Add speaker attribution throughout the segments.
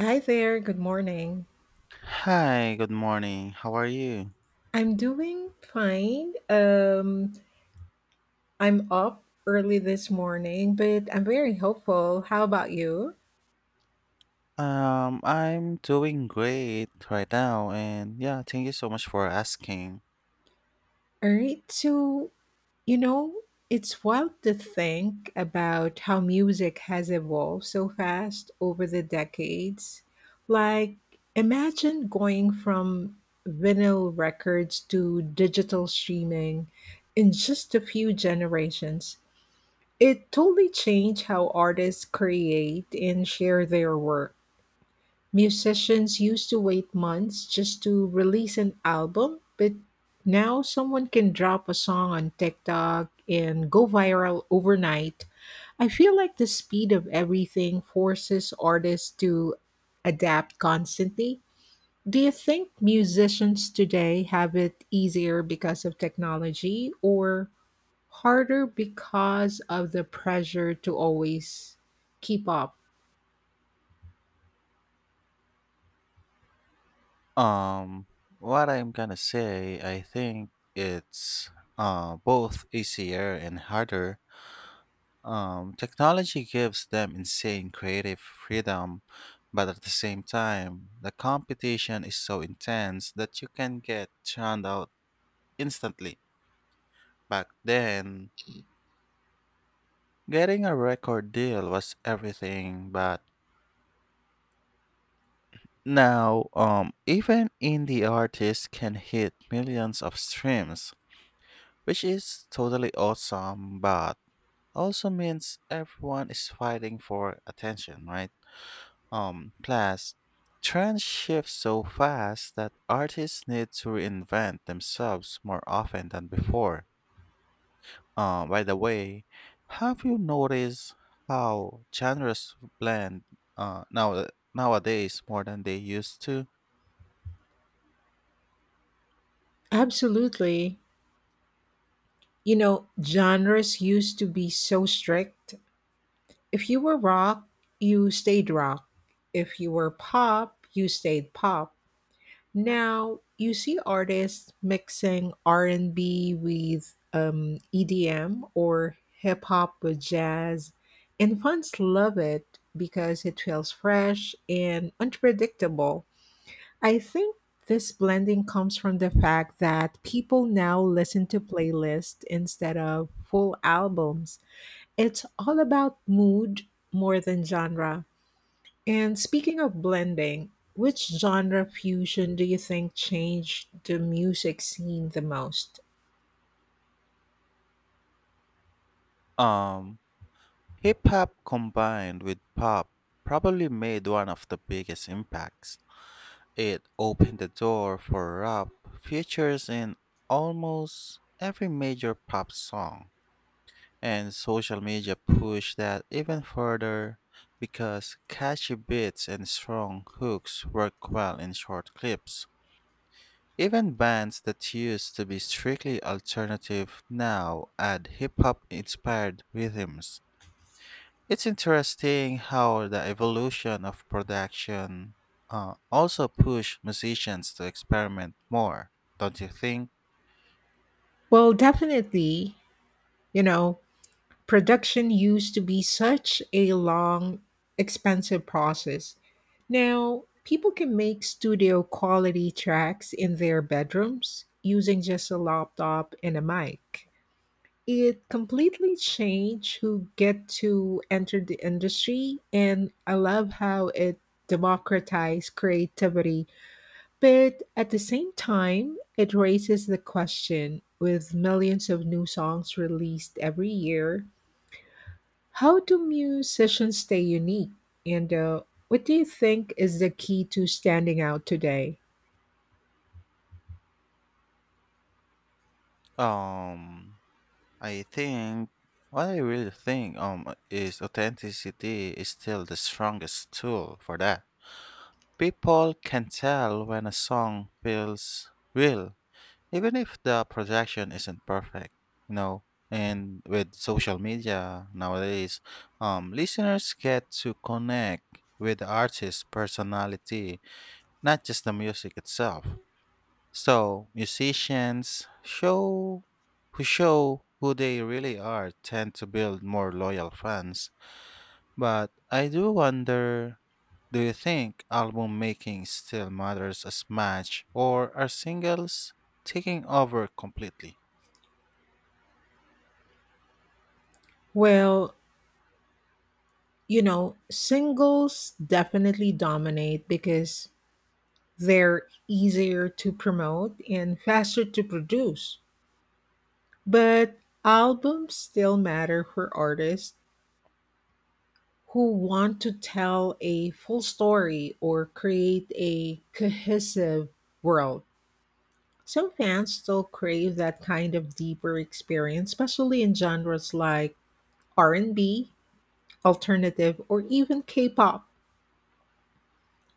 Speaker 1: Hi there, good morning.
Speaker 2: Hi, good morning. How are you?
Speaker 1: I'm doing fine. I'm up early this morning, but I'm very hopeful. How about you?
Speaker 2: I'm doing great right now, and yeah, thank you so much for asking.
Speaker 1: All right, so, you know, it's wild to think about how music has evolved so fast over the decades. Like, imagine going from vinyl records to digital streaming in just a few generations. It totally changed how artists create and share their work. Musicians used to wait months just to release an album, but now someone can drop a song on TikTok and go viral overnight. I feel like the speed of everything forces artists to adapt constantly. Do you think musicians today have it easier because of technology, or harder because of the pressure to always keep up?
Speaker 2: Um, what I'm gonna say, I think it's both easier and harder. Technology gives them insane creative freedom, but at the same time, the competition is so intense that you can get churned out instantly. Back then, getting a record deal was everything, but now, even indie artists can hit millions of streams, which is totally awesome, but also means everyone is fighting for attention, right? Plus, trends shift so fast that artists need to reinvent themselves more often than before. By the way, have you noticed how genres blend uh, now nowadays more than they used to?
Speaker 1: Absolutely. You know, genres used to be so strict. If you were rock, you stayed rock. If you were pop, you stayed pop. Now, you see artists mixing R&B with EDM or hip hop with jazz, and fans love it because it feels fresh and unpredictable. I think this blending comes from the fact that people now listen to playlists instead of full albums. It's all about mood more than genre. And speaking of blending, which genre fusion do you think changed the music scene the most?
Speaker 2: Um, Hip hop combined with pop probably made one of the biggest impacts. It opened the door for rap features in almost every major pop song. And social media push that even further because catchy beats and strong hooks work well in short clips. Even bands that used to be strictly alternative now add hip hop inspired rhythms. It's interesting how the evolution of production also pushed musicians to experiment more, don't you think?
Speaker 1: Well, definitely, you know, production used to be such a long, expensive process. Now, people can make studio quality tracks in their bedrooms using just a laptop and a mic. It completely changed who get to enter the industry, and I love how it democratized creativity, but at the same time, it raises the question: with millions of new songs released every year, how do musicians stay unique? And what do you think is the key to standing out today?
Speaker 2: Um, I think what I really think is authenticity is still the strongest tool for that. People can tell when a song feels real, even if the production isn't perfect, you know. And with social media nowadays, listeners get to connect with the artist's personality, not just the music itself. So, musicians show who they really are tend to build more loyal fans. But I do wonder, do you think album making still matters as much, or are singles taking over completely?
Speaker 1: Well, you know, singles definitely dominate because they're easier to promote and faster to produce. But albums still matter for artists who want to tell a full story or create a cohesive world. Some fans still crave that kind of deeper experience, especially in genres like R&B, alternative, or even K-pop.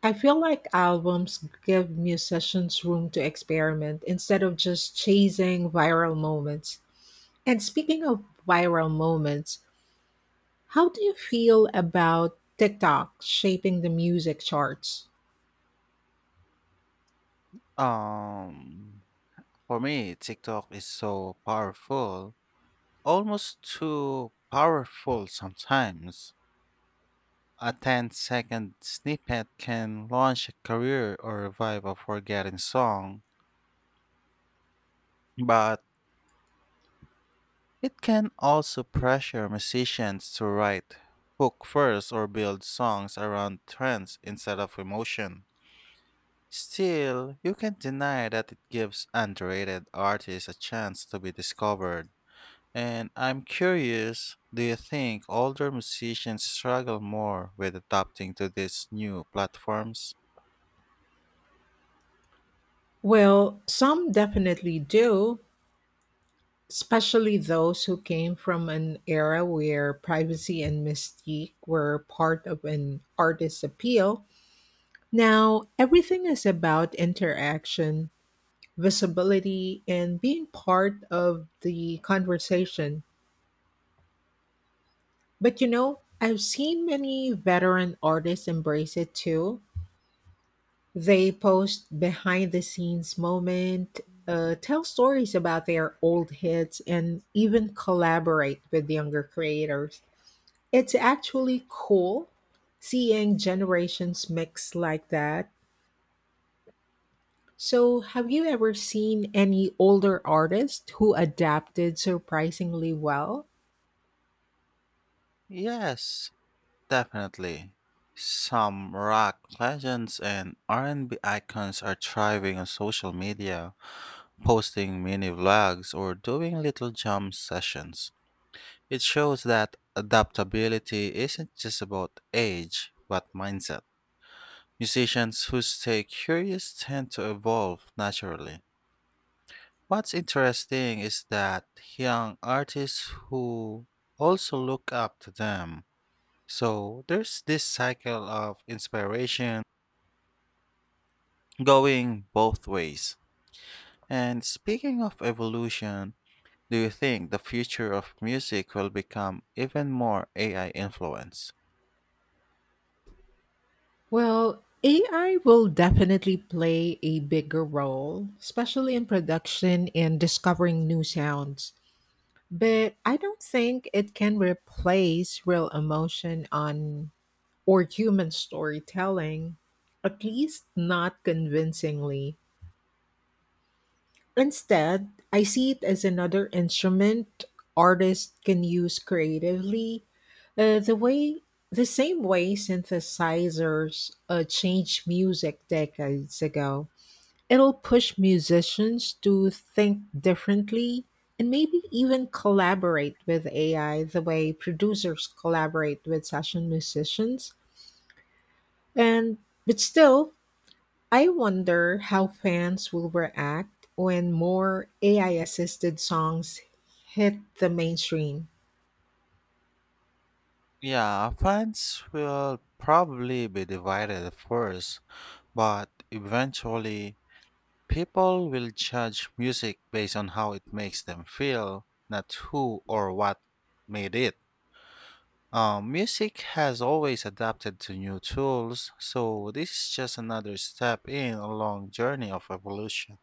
Speaker 1: I feel like albums give musicians room to experiment instead of just chasing viral moments. And speaking of viral moments, how do you feel about TikTok shaping the music charts?
Speaker 2: Um for me, TikTok is so powerful, almost too powerful sometimes. A 10-second snippet can launch a career or revive a forgotten song, but it can also pressure musicians to write hook first or build songs around trends instead of emotion. Still, you can't deny that it gives underrated artists a chance to be discovered. And I'm curious, do you think older musicians struggle more with adapting to these new platforms?
Speaker 1: Well, some definitely do, especially those who came from an era where privacy and mystique were part of an artist's appeal. Now, everything is about interaction, visibility, and being part of the conversation. But you know, I've seen many veteran artists embrace it too. They post behind the scenes moment, tell stories about their old hits, and even collaborate with younger creators. It's actually cool seeing generations mix like that. So, have you ever seen any older artists who adapted surprisingly well?
Speaker 2: Yes, definitely. Some rock legends and R&B icons are thriving on social media, posting mini vlogs or doing little jam sessions. It shows that adaptability isn't just about age, but mindset. Musicians who stay curious tend to evolve naturally. What's interesting is that young artists who also look up to them. So there's this cycle of inspiration going both ways. And speaking of evolution, do you think the future of music will become even more AI influenced?
Speaker 1: Well, AI will definitely play a bigger role, especially in production and discovering new sounds. But I don't think it can replace real emotion on or human storytelling, at least not convincingly. Instead, I see it as another instrument artists can use creatively. Uh, the way, the same way synthesizers changed music decades ago. It'll push musicians to think differently and maybe even collaborate with AI the way producers collaborate with session musicians. And but still, I wonder how fans will react when more AI assisted songs hit the mainstream.
Speaker 2: Yeah, fans will probably be divided at first, but eventually people will judge music based on how it makes them feel, not who or what made it. Music has always adapted to new tools, so this is just another step in a long journey of evolution.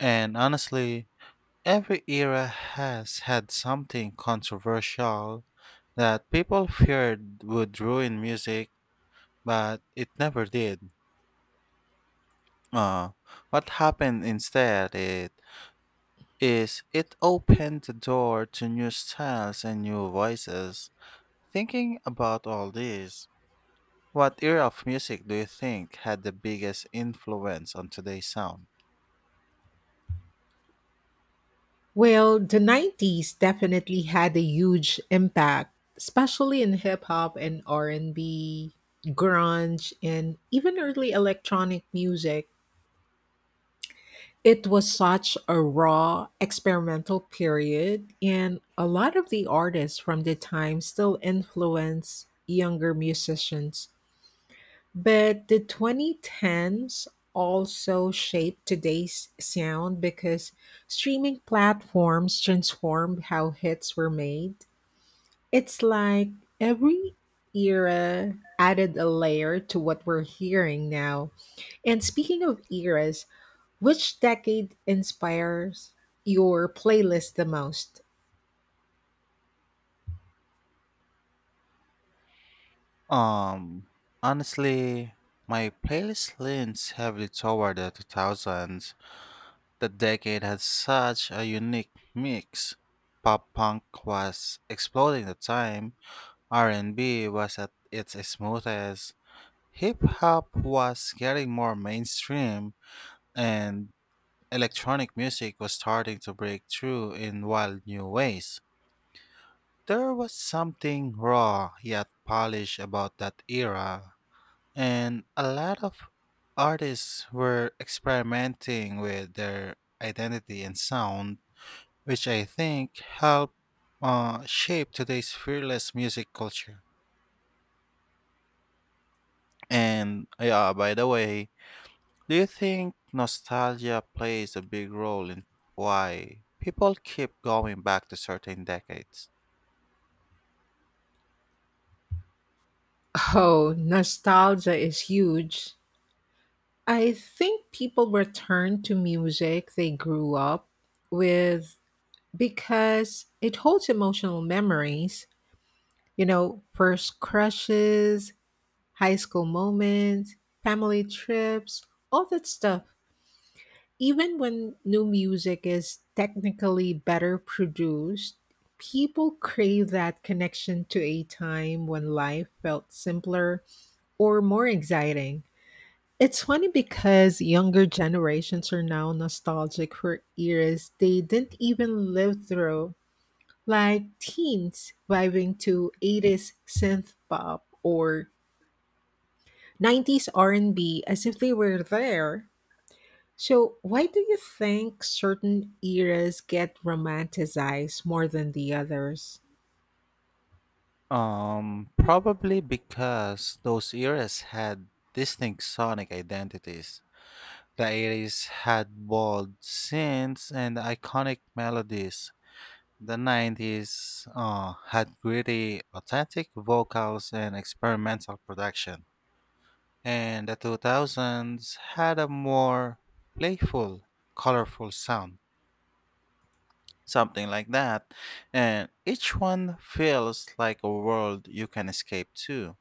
Speaker 2: And honestly, every era has had something controversial that people feared would ruin music, but it never did. Uh, what happened instead, is it opened the door to new styles and new voices. Thinking about all this, what era of music do you think had the biggest influence on today's sound?
Speaker 1: Well, the 90s definitely had a huge impact, especially in hip hop and R&B, grunge, and even early electronic music. It was such a raw experimental period, and a lot of the artists from the time still influence younger musicians. But the 2010s also shaped today's sound because streaming platforms transformed how hits were made. It's like every era added a layer to what we're hearing now. And speaking of eras, which decade inspires your playlist the most?
Speaker 2: Um, Honestly, my playlist leans heavily toward the 2000s. The decade had such a unique mix. Pop punk was exploding at the time, R&B was at its smoothest, hip hop was getting more mainstream, and electronic music was starting to break through in wild new ways. There was something raw yet polished about that era, and a lot of artists were experimenting with their identity and sound, which I think helped shape today's fearless music culture. And yeah, by the way, do you think nostalgia plays a big role in why people keep going back to certain decades?
Speaker 1: Oh, nostalgia is huge. I think people return to music they grew up with because it holds emotional memories, you know, first crushes, high school moments, family trips, all that stuff. Even when new music is technically better produced, people crave that connection to a time when life felt simpler or more exciting. It's funny because younger generations are now nostalgic for eras they didn't even live through, like teens vibing to 80s synth pop or 90s R&B as if they were there. So, why do you think certain eras get romanticized more than the others?
Speaker 2: Probably because those eras had distinct sonic identities. The 80s had bold synths and iconic melodies. The 90s had gritty, authentic vocals and experimental production. And the 2000s had a more playful, colorful sound, something like that. And each one feels like a world you can escape to.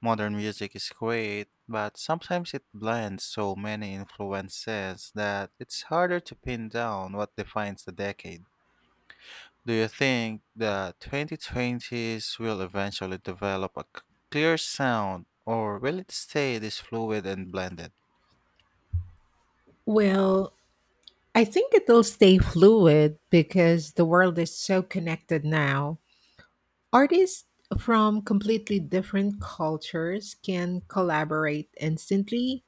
Speaker 2: Modern music is great, but sometimes it blends so many influences that it's harder to pin down what defines the decade. Do you think the 2020s will eventually develop a clear sound, or will it stay this fluid and blended?
Speaker 1: Well, I think it'll stay fluid because the world is so connected now. Artists from completely different cultures can collaborate instantly,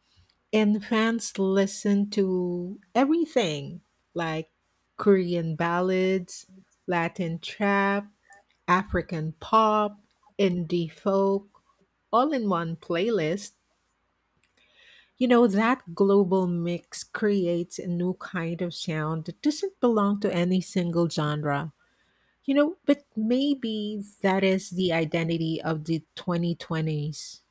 Speaker 1: and fans listen to everything like Korean ballads, Latin trap, African pop, indie folk, all in one playlist. You know, that global mix creates a new kind of sound that doesn't belong to any single genre. You know, but maybe that is the identity of the 2020s: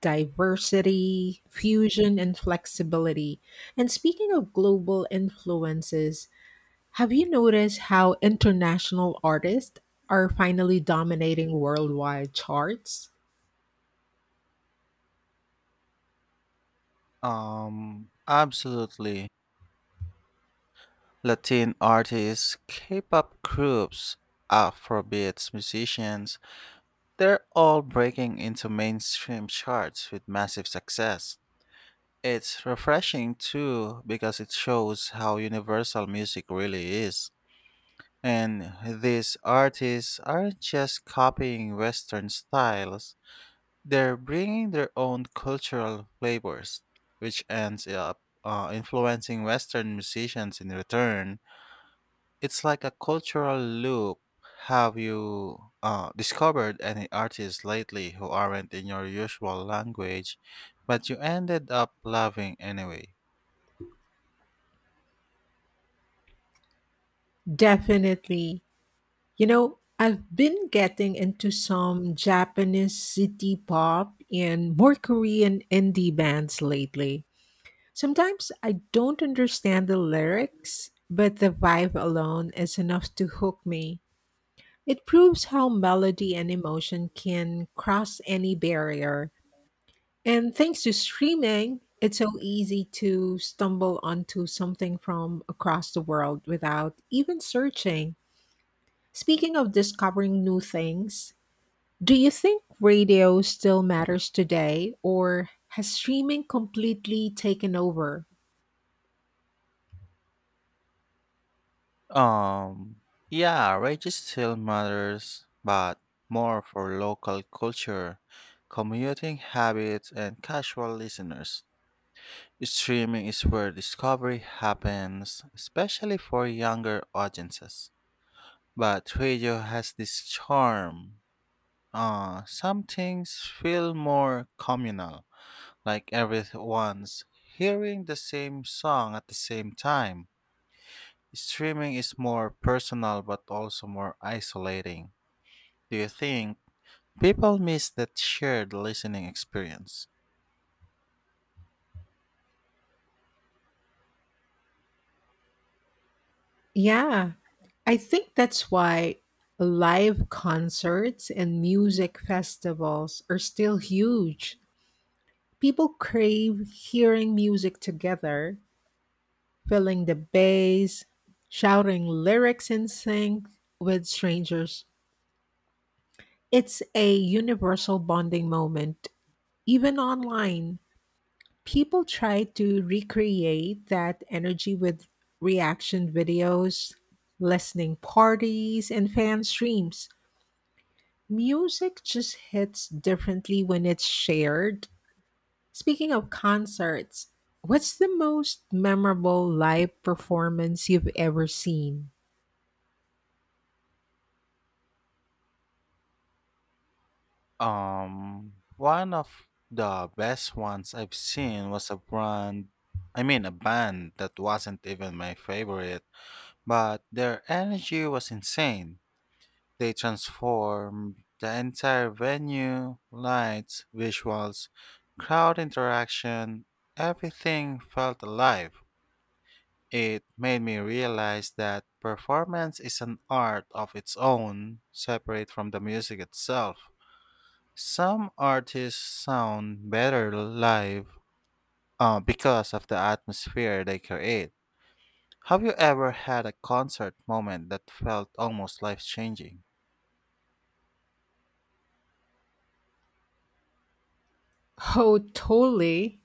Speaker 1: diversity, fusion, and flexibility. And speaking of global influences, have you noticed how international artists are finally dominating worldwide charts?
Speaker 2: Absolutely. Latin artists, K pop groups, Afrobeats musicians, they're all breaking into mainstream charts with massive success. It's refreshing too because it shows how universal music really is. And these artists aren't just copying Western styles, they're bringing their own cultural flavors, which ends up influencing Western musicians in return. It's like a cultural loop. Have you discovered any artists lately who aren't in your usual language, but you ended up loving anyway?
Speaker 1: Definitely. You know, I've been getting into some Japanese city pop and more Korean indie bands lately. Sometimes I don't understand the lyrics, but the vibe alone is enough to hook me. It proves how melody and emotion can cross any barrier. And thanks to streaming, it's so easy to stumble onto something from across the world without even searching. Speaking of discovering new things, do you think radio still matters today, or has streaming completely taken over?
Speaker 2: Um, yeah, wages still matters, but more for local culture, commuting habits, and casual listeners. Streaming is where discovery happens, especially for younger audiences. But radio has this charm. Some things feel more communal, like everyone's hearing the same song at the same time. Streaming is more personal but also more isolating. Do you think people miss that shared listening experience?
Speaker 1: Yeah, I think that's why live concerts and music festivals are still huge. People crave hearing music together, feeling the bass, shouting lyrics in sync with strangers. It's a universal bonding moment. Even online, people try to recreate that energy with reaction videos, listening parties, and fan streams. Music just hits differently when it's shared. Speaking of concerts, what's the most memorable live performance you've ever seen?
Speaker 2: One of the best ones I've seen was a brand, I mean, a band that wasn't even my favorite, but their energy was insane. They transformed the entire venue, lights, visuals, crowd interaction, everything felt alive. It made me realize that performance is an art of its own, separate from the music itself. Some artists sound better live because of the atmosphere they create. Have you ever had a concert moment that felt almost life changing?
Speaker 1: Oh, totally.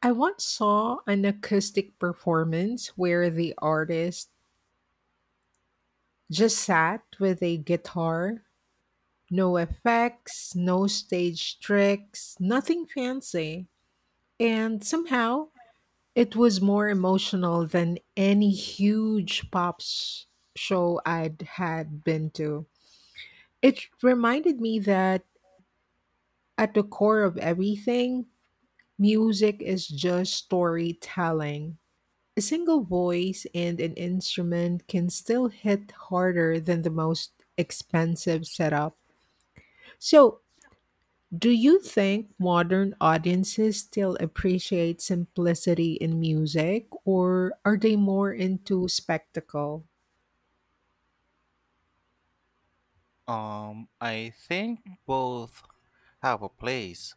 Speaker 1: I once saw an acoustic performance where the artist just sat with a guitar. No effects, no stage tricks, nothing fancy. And somehow, it was more emotional than any huge show I'd had been to. It reminded me that at the core of everything, music is just storytelling. A single voice and an instrument can still hit harder than the most expensive setup. So, do you think modern audiences still appreciate simplicity in music, or are they more into spectacle?
Speaker 2: I think both have a place.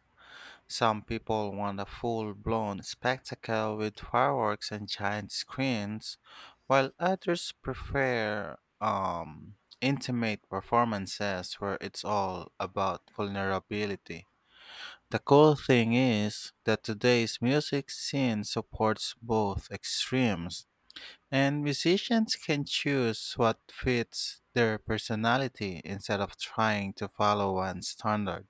Speaker 2: Some people want a full blown spectacle with fireworks and giant screens, while others prefer intimate performances where it's all about vulnerability. The cool thing is that today's music scene supports both extremes, and musicians can choose what fits their personality instead of trying to follow one standard.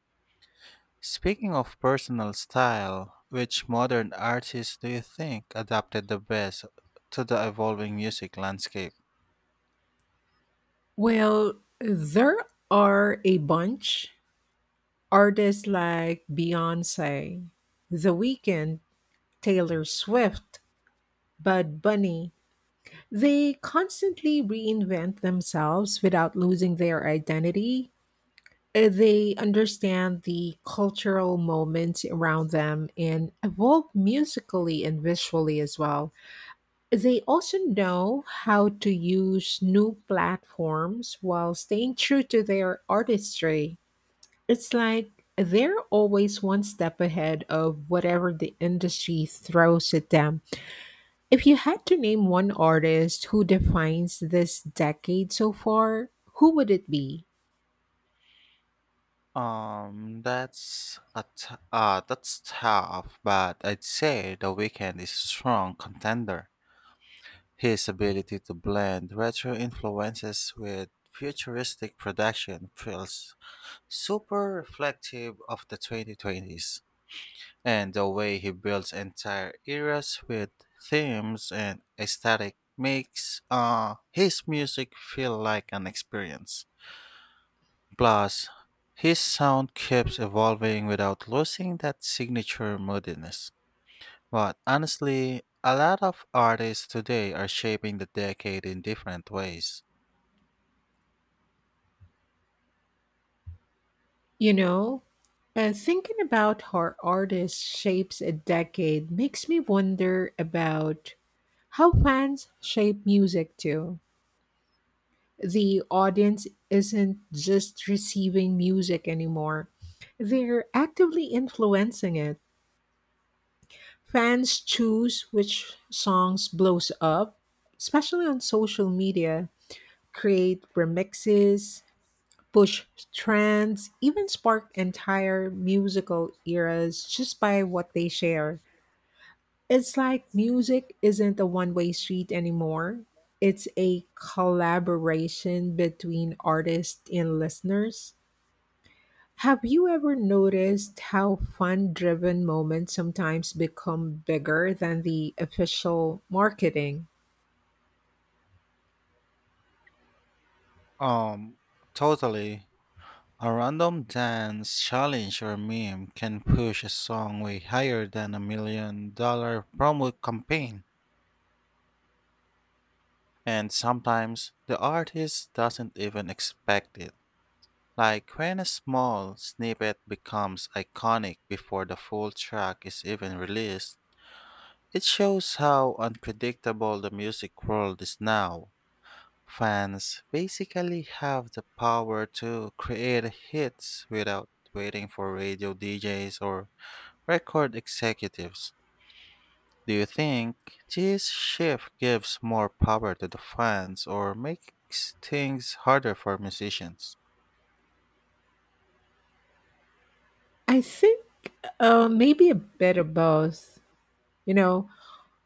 Speaker 2: Speaking of personal style, which modern artist do you think adapted the best to the evolving music landscape?
Speaker 1: Well, there are a bunch. Artists like Beyonce, The Weeknd, Taylor Swift, Bud Bunny. They constantly reinvent themselves without losing their identity. They understand the cultural moments around them and evolve musically and visually as well. They also know how to use new platforms while staying true to their artistry. It's like they're always one step ahead of whatever the industry throws at them. If you had to name one artist who defines this decade so far, who would it be?
Speaker 2: That's tough, but I'd say The Weeknd is a strong contender. His ability to blend retro influences with futuristic production feels super reflective of the 2020s. And the way he builds entire eras with themes and aesthetic makes his music feel like an experience. Plus, his sound keeps evolving without losing that signature moodiness. But honestly, a lot of artists today are shaping the decade in different ways.
Speaker 1: You know, thinking about how artists shapes a decade makes me wonder about how fans shape music too. The audience isn't just receiving music anymore; they're actively influencing it. Fans choose which songs blows up, especially on social media, create remixes, push trends, even spark entire musical eras just by what they share. It's like music isn't a one way street anymore. It's a collaboration between artists and listeners. Have you ever noticed how fun driven moments sometimes become bigger than the official marketing?
Speaker 2: Um, Totally. A random dance challenge or meme can push a song way higher than a $1 million promo campaign. And sometimes the artist doesn't even expect it. Like when a small snippet becomes iconic before the full track is even released, it shows how unpredictable the music world is now. Fans basically have the power to create hits without waiting for radio DJs or record executives. Do you think this shift gives more power to the fans or makes things harder for musicians?
Speaker 1: I think maybe a bit of both. You know,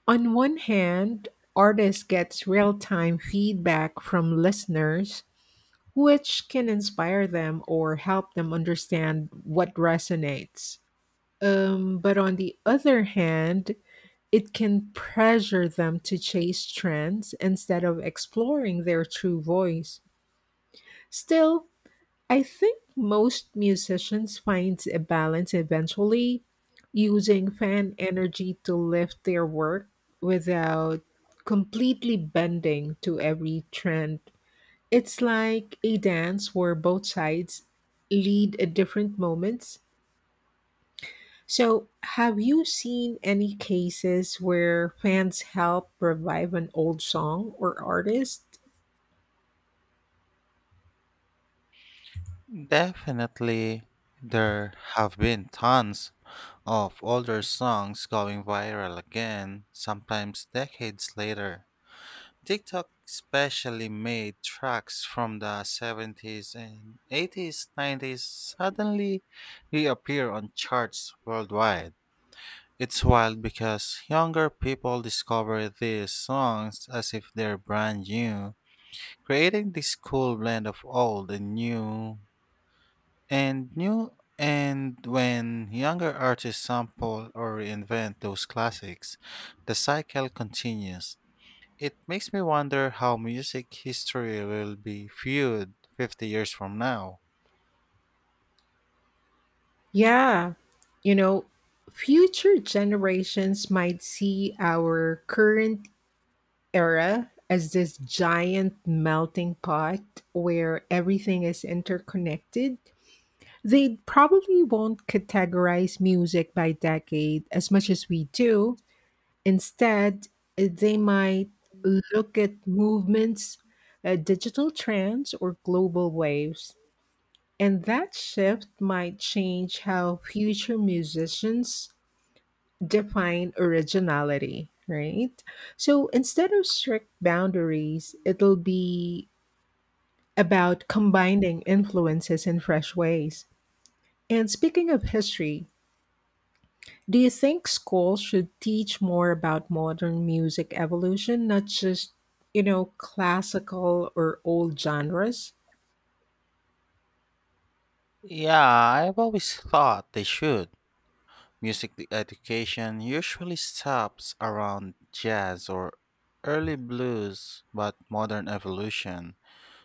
Speaker 1: on one hand, artists gets real-time feedback from listeners, which can inspire them or help them understand what resonates. But on the other hand, it can pressure them to chase trends instead of exploring their true voice. Still, I think most musicians find a balance eventually, using fan energy to lift their work without completely bending to every trend. It's like a dance where both sides lead at different moments. So, have you seen any cases where fans help revive an old song or artist?
Speaker 2: Definitely, there have been tons of older songs going viral again, sometimes decades later. TikTok especially made tracks from the 70s and 80s, 90s suddenly reappear on charts worldwide. It's wild because younger people discover these songs as if they're brand new, creating this cool blend of old and new. And when younger artists sample or reinvent those classics, the cycle continues. It makes me wonder how music history will be viewed 50 years from now.
Speaker 1: Yeah, you know, future generations might see our current era as this giant melting pot where everything is interconnected. They probably won't categorize music by decade as much as we do. Instead, they might look at movements, digital trends, or global waves. And that shift might change how future musicians define originality, right? So instead of strict boundaries, it'll be about combining influences in fresh ways. And speaking of history, do you think schools should teach more about modern music evolution, not just, you know, classical or old genres?
Speaker 2: Yeah, I've always thought they should. Music education usually stops around jazz or early blues, but modern evolution,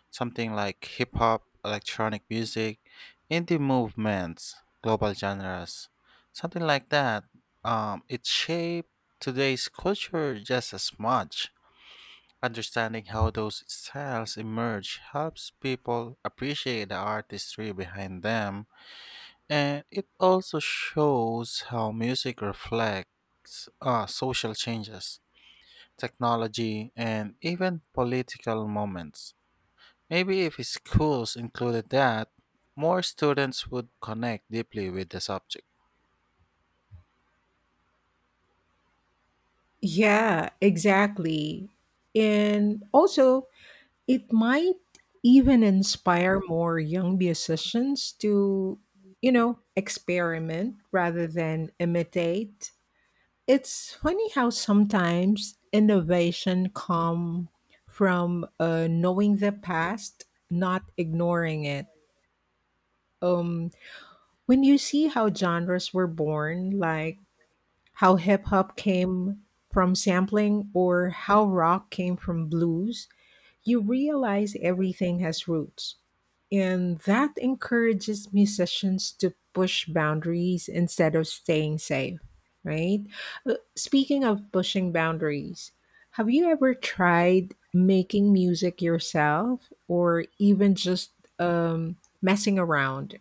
Speaker 2: something like hip hop, electronic music, indie movements, global genres, something like that, it shaped today's culture just as much. Understanding how those styles emerge helps people appreciate the artistry behind them, and it also shows how music reflects social changes, technology, and even political moments. Maybe if schools included that, more students would connect deeply with the subject.
Speaker 1: Yeah, exactly. And also, it might even inspire more young musicians to, you know, experiment rather than imitate. It's funny how sometimes innovation come from knowing the past, not ignoring it. Um, when you see how genres were born, like how hip hop came from sampling or how rock came from blues, you realize everything has roots. And that encourages musicians to push boundaries instead of staying safe, right? Speaking of pushing boundaries, have you ever tried making music yourself or even just messing around?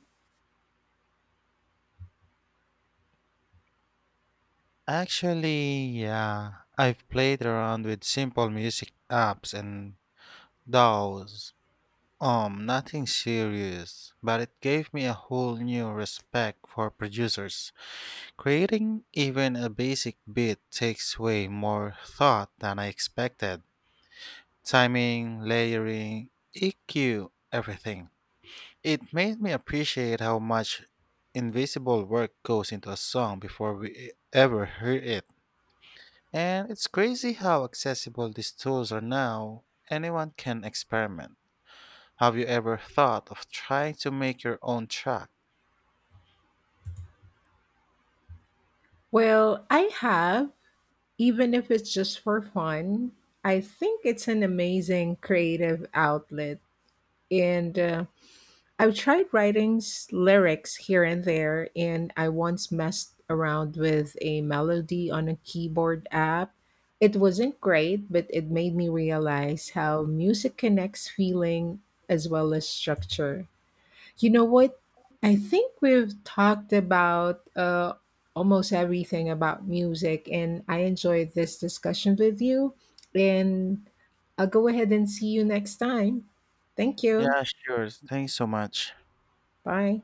Speaker 2: Actually, yeah, I've played around with simple music apps and DAWs. Nothing serious, but it gave me a whole new respect for producers. Creating even a basic beat takes way more thought than I expected. Timing, layering, EQ, everything. It made me appreciate how much invisible work goes into a song before we ever hear it. And it's crazy how accessible these tools are now. Anyone can experiment. Have you ever thought of trying to make your own track?
Speaker 1: Well, I have, even if it's just for fun. I think it's an amazing creative outlet. And I've tried lyrics here and there, and I once messed around with a melody on a keyboard app. It wasn't great, but it made me realize how music connects feeling as well as structure. You know what? I think we've talked about almost everything about music, and I enjoyed this discussion with you. And I'll go ahead and see you next time. Thank you.
Speaker 2: Yeah, sure. Thanks so much.
Speaker 1: Bye.